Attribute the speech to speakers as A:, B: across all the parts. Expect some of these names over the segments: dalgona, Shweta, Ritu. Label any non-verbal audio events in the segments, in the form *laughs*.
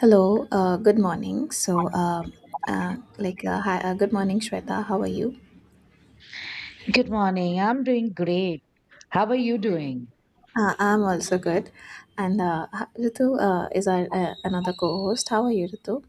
A: Hello, good morning. Hi, good morning, Shweta. How are you?
B: Good morning. I'm doing great. How are you doing?
A: I'm also good. And Ritu is our another co-host. How are you, Ritu?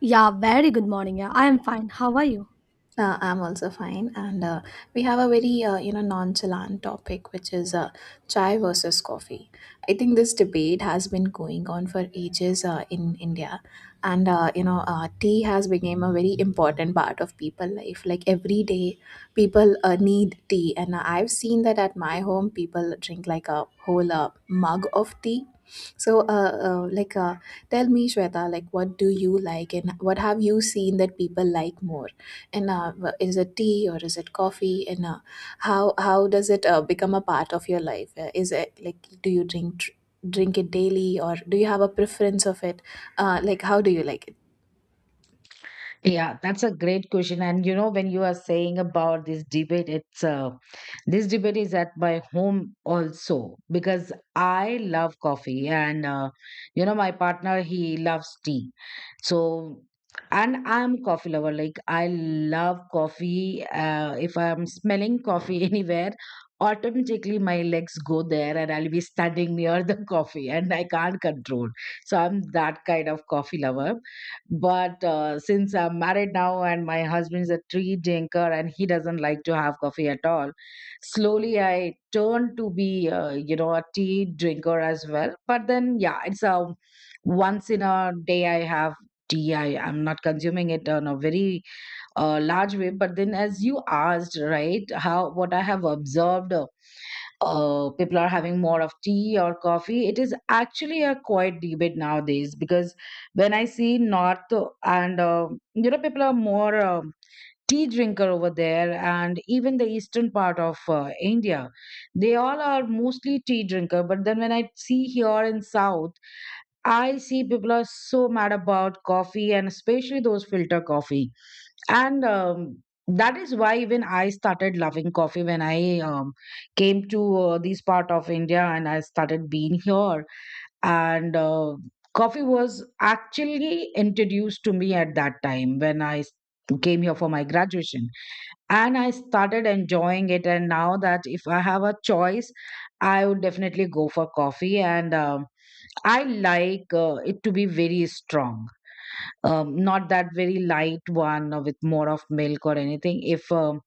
C: Yeah, very good morning. Yeah, I am fine. How are you?
A: I'm also fine, and we have a very nonchalant topic, which is chai versus coffee. I think this debate has been going on for ages in India, and tea has become a very important part of people life. Like every day, people need tea, and I've seen that at my home, people drink like a whole mug of tea. So, uh, uh, like, uh, Tell me, Shweta, like, what do you like, and what have you seen that people like more? And is it tea or is it coffee, and uh, how does it become a part of your life? Is it like, do you drink it daily, or do you have a preference of it? Like, how do you like it?
B: Yeah, that's a great question. And you know, when you are saying about this debate, it's this debate is at my home also because I love coffee, and you know, my partner he loves tea. So, and I'm coffee lover. Like I love coffee. If I'm smelling coffee *laughs* anywhere, automatically my legs go there, and I'll be standing near the *laughs* coffee, and I can't control. So I'm that kind of coffee lover, but since I'm married now and my husband is a tea drinker and he doesn't like to have coffee at all, slowly I turned to be, you know, a tea drinker as well. But then, yeah, it's a, once in a day I have tea. I'm not consuming it on a very large way. But then, as you asked, right, how what I have observed, people are having more of tea or coffee. It is actually a quiet debate nowadays because when I see North and you know, people are more tea drinker over there, and even the eastern part of India, they all are mostly tea drinker. But then when I see here in South, I see people are so mad about coffee and especially those filter coffee. And that is why even I started loving coffee when I, came to this part of India and I started being here. And coffee was actually introduced to me at that time when came here for my graduation. And I started enjoying it. And now that if I have a choice, I would definitely go for coffee. And I like it to be very strong, not that very light one or with more of milk or anything. If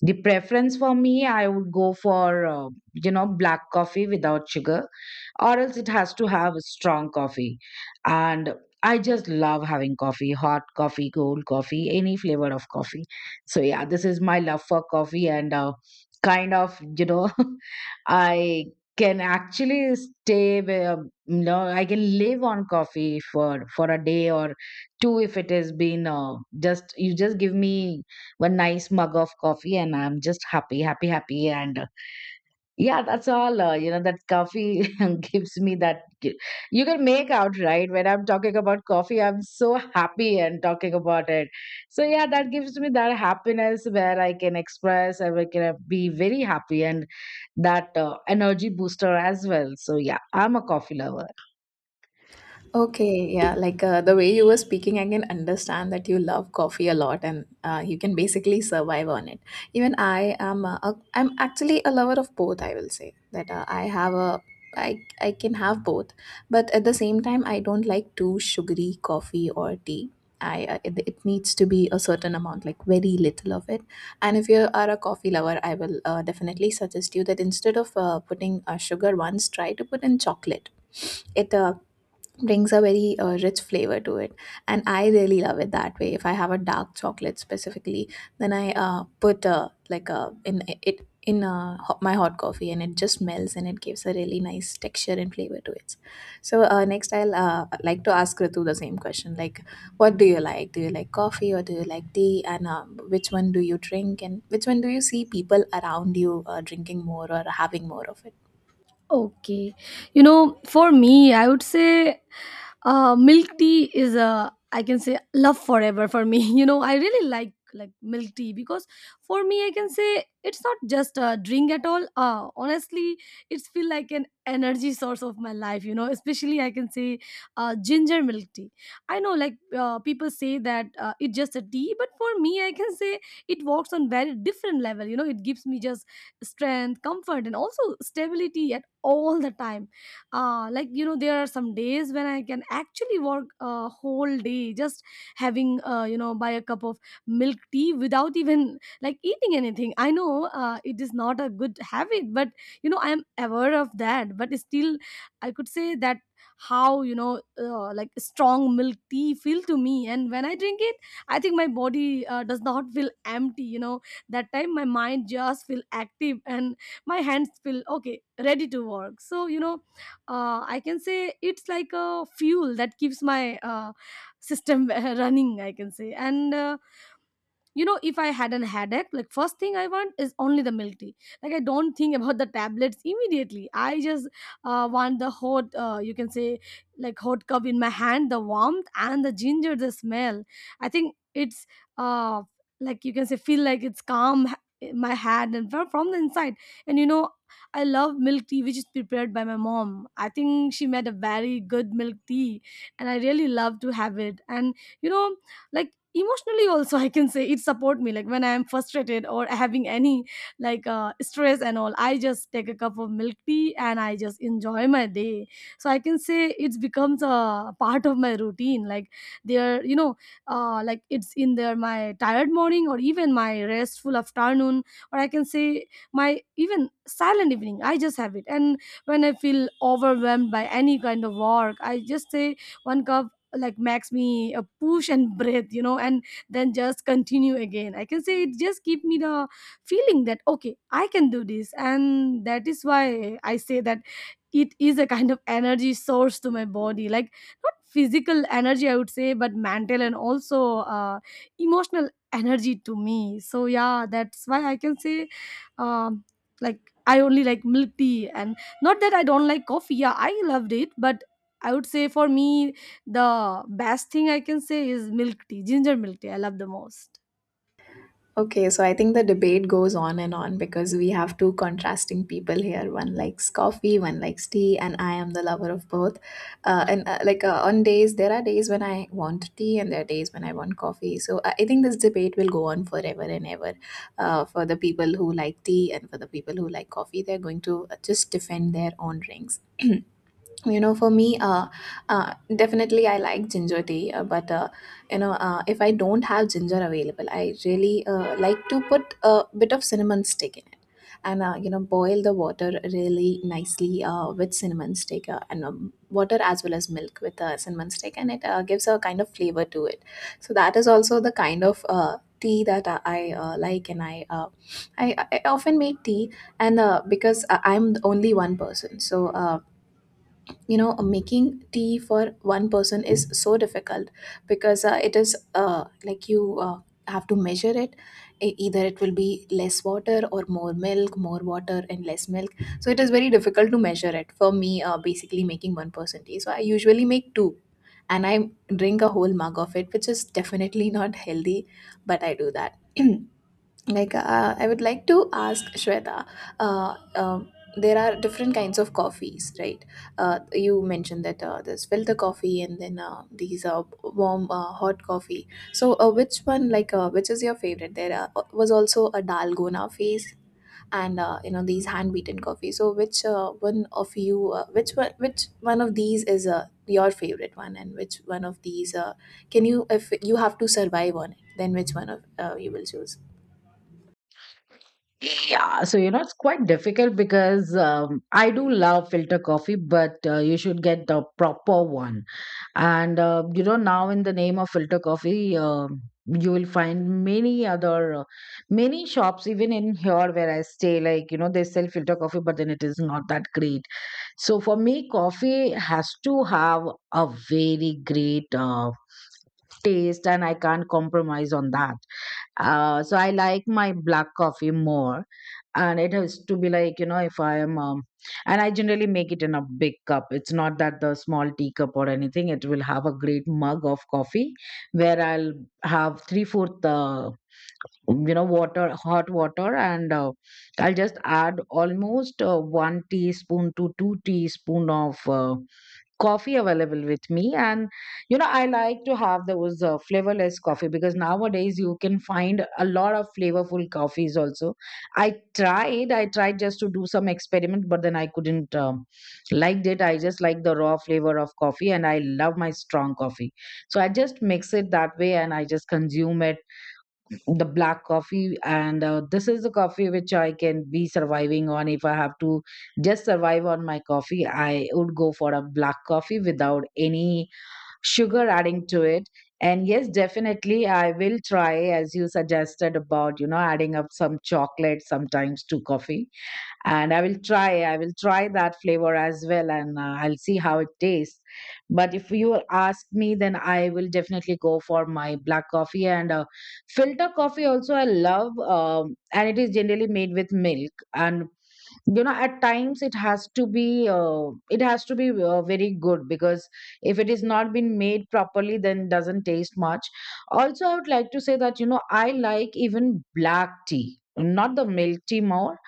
B: the preference for me, I would go for, you know, black coffee without sugar, or else it has to have a strong coffee. And I just love having coffee, hot coffee, cold coffee, any flavor of coffee. So, yeah, this is my love for coffee, and kind of, you know, *laughs* I can actually stay, you know, I can live on coffee for a day or two if it has been just, you just give me one nice mug of coffee, and I'm just happy, happy. And yeah, that's all. You know, that coffee *laughs* gives me that you can make out, right, when I'm talking about coffee I'm so happy and talking about it. So yeah, that gives me that happiness where I can express and I can be very happy, and that energy booster as well. So yeah, I'm a coffee lover.
A: Okay, yeah, like the way you were speaking, I can understand that you love coffee a lot, and you can basically survive on it. Even I am, I'm actually a lover of both. I will say that I can have both, but at the same time, I don't like too sugary coffee or tea. It needs to be a certain amount, like very little of it. And if you are a coffee lover, I will definitely suggest you that instead of putting sugar once, try to put in chocolate. It brings a very rich flavor to it, and I really love it that way. If I have a dark chocolate specifically, then I put, like in it in ho- my hot coffee, and it just melts and it gives a really nice texture and flavor to it. So next I'll like to ask Ritu the same question, like, what do you like? Do you like coffee, or do you like tea? And which one do you drink, and which one do you see people around you drinking more or having more of it?
C: Okay. You know, for me, I would say milk tea is, I can say, love forever for me. *laughs* You know, I really like milk tea because for me, I can say it's not just a drink at all, honestly. It's feel like an energy source of my life, you know, especially, I can say, ginger milk tea. I know, like, people say that it's just a tea, but for me, I can say it works on very different level. You know, it gives me just strength, comfort and also stability at all the time. Like, you know, there are some days when I can actually work a whole day just having, you know, buy a cup of milk tea without *laughs* even like eating anything. I know, it is not a good habit, but you know, I am aware of that, but still I could say that how, you know, like, strong milk tea feel to me. And when I drink it, I think my body does not feel empty, you know. That time my mind just feel active and my hands feel okay, ready to work. So you know, I can say it's like a fuel that keeps my system *laughs* running, I can say. And you know, if I had an headache, like, first thing I want is only the milk tea. Like, I don't think about the tablets immediately. I just want the hot, you can say, like, hot cup in my hand, the warmth and the ginger, the smell. I think it's uh like, you can say, feel like it's calm, in my hand and from the inside. And you know, I love milk tea which is prepared by my mom. I think she made a very good milk tea and I really love to have it. And you know, like, emotionally also, I can say it support me. Like when I am frustrated or having any, like, stress and all, I just take a cup of milk tea and I just enjoy my day. So I can say it becomes a part of my routine. Like, there, you know, like, it's in there, my tired morning or even my restful afternoon, or I can say my even silent evening, I just have it. And when I feel overwhelmed by any kind of work, I just say one cup, like, makes me a push and breathe, you know. And then just continue again. I can say it just give me the feeling that okay, I can do this. And that is why I say that it is a kind of energy source to my body. Like, not physical energy, I would say, but mental and also emotional energy to me. So yeah, that's why I can say, um, like, I only like milk tea. And not that I don't like coffee, yeah, I loved it, but I would say for me, the best thing I can say is milk tea, ginger milk tea. I love the most.
A: Okay, so I think the debate goes on and on because we have two contrasting people here. One likes coffee, one likes tea, and I am the lover of both. And like On days, there are days when I want tea, and there are days when I want coffee. So I think this debate will go on forever and ever. For the people who like tea and for the people who like coffee, they're going to just defend their own rings. *clears throat* You know, for me, definitely I like ginger tea, but if I don't have ginger available, I really like to put a bit of cinnamon stick in it. And boil the water really nicely with cinnamon stick, and water as well as milk with cinnamon stick, and it gives a kind of flavor to it. So that is also the kind of tea that like, and I often make tea. And I'm the only one person, so making tea for one person is so difficult, because it is like you have to measure it. Either it will be less water or more milk, more water and less milk. So it is very difficult to measure it for me, basically making one person tea, so I usually make two, and I drink a whole mug of it, which is definitely not healthy, but I do that. *clears throat* Like, I would like to ask Shweta, uh, um there are different kinds of coffees, right? You mentioned that there's filter coffee, and then these warm hot coffee. So which one like which is your favorite? There was also a dalgona phase, and these hand beaten coffee. So which one of you which one of these is your favorite one, and which one of these can you, if you have to survive on it, then which one of you will choose?
B: Yeah, so you know, it's quite difficult because I do love filter coffee, but you should get the proper one. And you know, now in the name of filter coffee, you will find many other, many shops, even in here where I stay. Like you know, they sell filter coffee, but then it is not that great. So for me, coffee has to have a very great taste, and I can't compromise on that. So I like my black coffee more, and it has to be like, you know, if I am, and I generally make it in a big cup. It's not that the small teacup or anything. It will have a great mug of coffee where I'll have three fourth. You know, water, hot water, and I'll just add almost 1 teaspoon to 2 teaspoon of coffee available with me. And you know, I like to have those flavorless coffee because nowadays you can find a lot of flavorful coffees also. I tried I tried just to do some experiment, but then I couldn't liked it. I just like the raw flavor of coffee and I love my strong coffee. So I just mix it that way and I just consume it, the black coffee. And this is the coffee which I can be surviving on. If I have to just survive on my coffee, I would go for a black coffee without any sugar adding to it. And yes, definitely I will try, as you suggested, about you know, adding up some chocolate sometimes to coffee. And I will try I will try that flavor as well, and I'll see how it tastes. But if you ask me, then I will definitely go for my black coffee. And filter coffee also I love, and it is generally made with milk. And you know, at times it has to be, very good, because if it is not been made properly, then it doesn't taste much. Also I would like to say that you know, I like even black tea, not the milk tea more,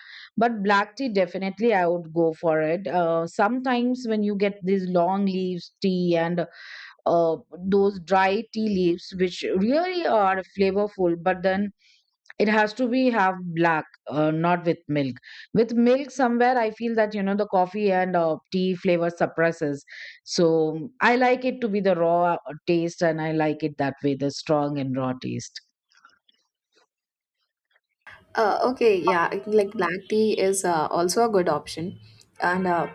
B: but black tea definitely I would go for it. Sometimes when you get these long leaves tea and uh, those dry tea leaves which really are flavorful, but then it has to be half black, not with milk. With milk somewhere I feel that you know the coffee and tea flavor suppresses. So I like it to be the raw taste, and I like it that way, the strong and raw taste.
A: Okay, yeah, I think, like, black tea is also a good option, and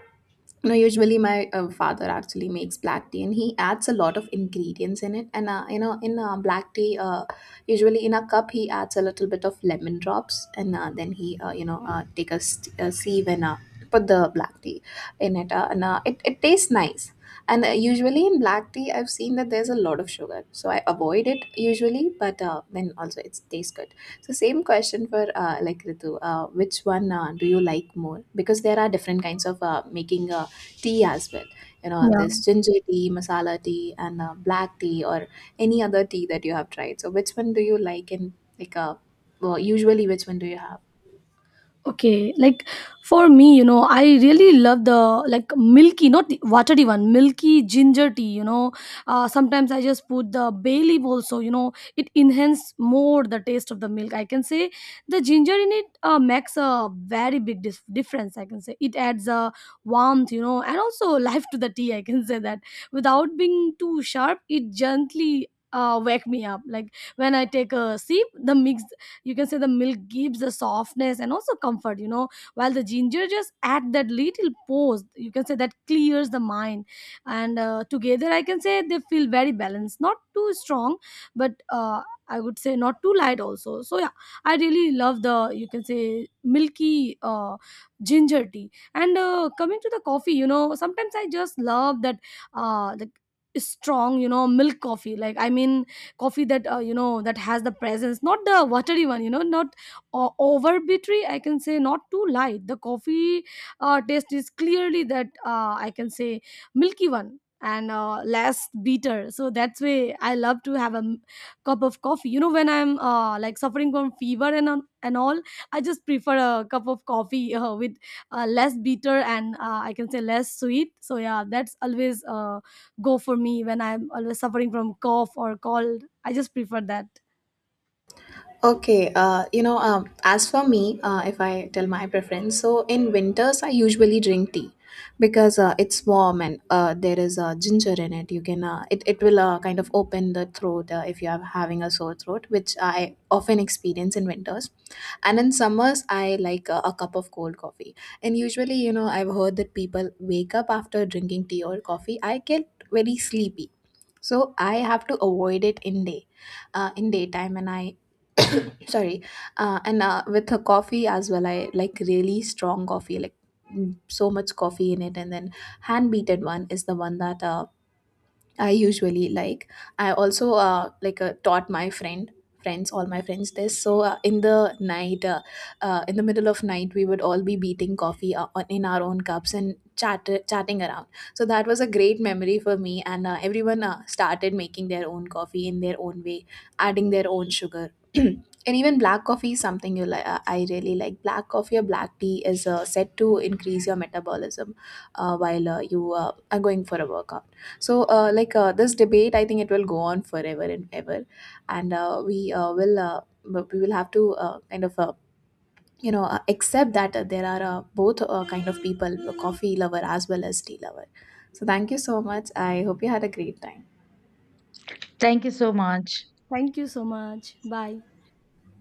A: you know, usually my father actually makes black tea, and he adds a lot of ingredients in it. And you know, in black tea, usually in a cup, he adds a little bit of lemon drops, and then he you know take a, a sieve, and put the black tea in it, and it tastes nice. And usually in black tea, I've seen that there's a lot of sugar, so I avoid it usually, but then also it tastes good. So same question for Ritu, which one do you like more? Because there are different kinds of making tea as well. You know,
C: Yeah.
A: there's ginger tea, masala tea, and black tea, or any other tea that you have tried. So which one do you like? And like, well, usually which one do you have?
C: Okay, like, for me, you know, I really love the, like, milky, not the watery one, milky ginger tea. You know, sometimes I just put the bay leaf also. You know, it enhance more the taste of the milk. I can say the ginger in it makes a very big difference. I can say it adds a warmth, you know, and also *laughs* life to the tea. I can say that without being too sharp, it gently. Wake me up. Like when I take a sip, the mix, you can say the milk gives the softness and also comfort, you know, while the ginger just add that little pose, you can say, that clears the mind. And together, I can say they feel very balanced, not too strong, but I would say not too light also. So yeah, I really love the, you can say, milky, uh, ginger tea. And coming to the coffee, you know, sometimes I just love that, the strong, you know, milk coffee. Like, I mean, coffee that, you know, that has the presence, not the watery one, you know, not over bittery, I can say, not too light. The coffee taste is clearly that, I can say, milky one and less bitter. So that's why I love to have a cup of coffee, you know, when I'm, like, suffering from fever and all. I just prefer a cup of coffee with less bitter and I can say less sweet. So yeah, that's always go for me when I'm always suffering from cough or cold. I just prefer that.
A: Okay, you know, as for me, if I tell my preference, so in winters I usually drink tea, because it's warm and there is ginger in it. You can it will kind of open the throat if you are having a sore throat, which I often experience in winters. And in summers, I like a cup of cold coffee. And usually, you know, I've heard that people wake up after drinking tea or coffee. I get very sleepy, so I have to avoid it in daytime, and I sorry, and with a coffee as well I like really strong coffee, like so much coffee in it, and then hand beaten one is the one that I usually like. I also like taught my friend friends all my friends this. So in the middle of night, we would all be beating coffee in our own cups and chatting around. So that was a great memory for me, and everyone started making their own coffee in their own way, adding their own sugar. *clears throat* And even black coffee is something you like. I really like black coffee, or black tea is said to increase your metabolism while you are going for a workout. So, this debate, I think it will go on forever and ever, and we will have to accept that there are both kind of people, a coffee lover as well as tea lover. So, thank you so much. I hope you had a great time.
B: Thank you so much.
C: Thank you so much. Bye.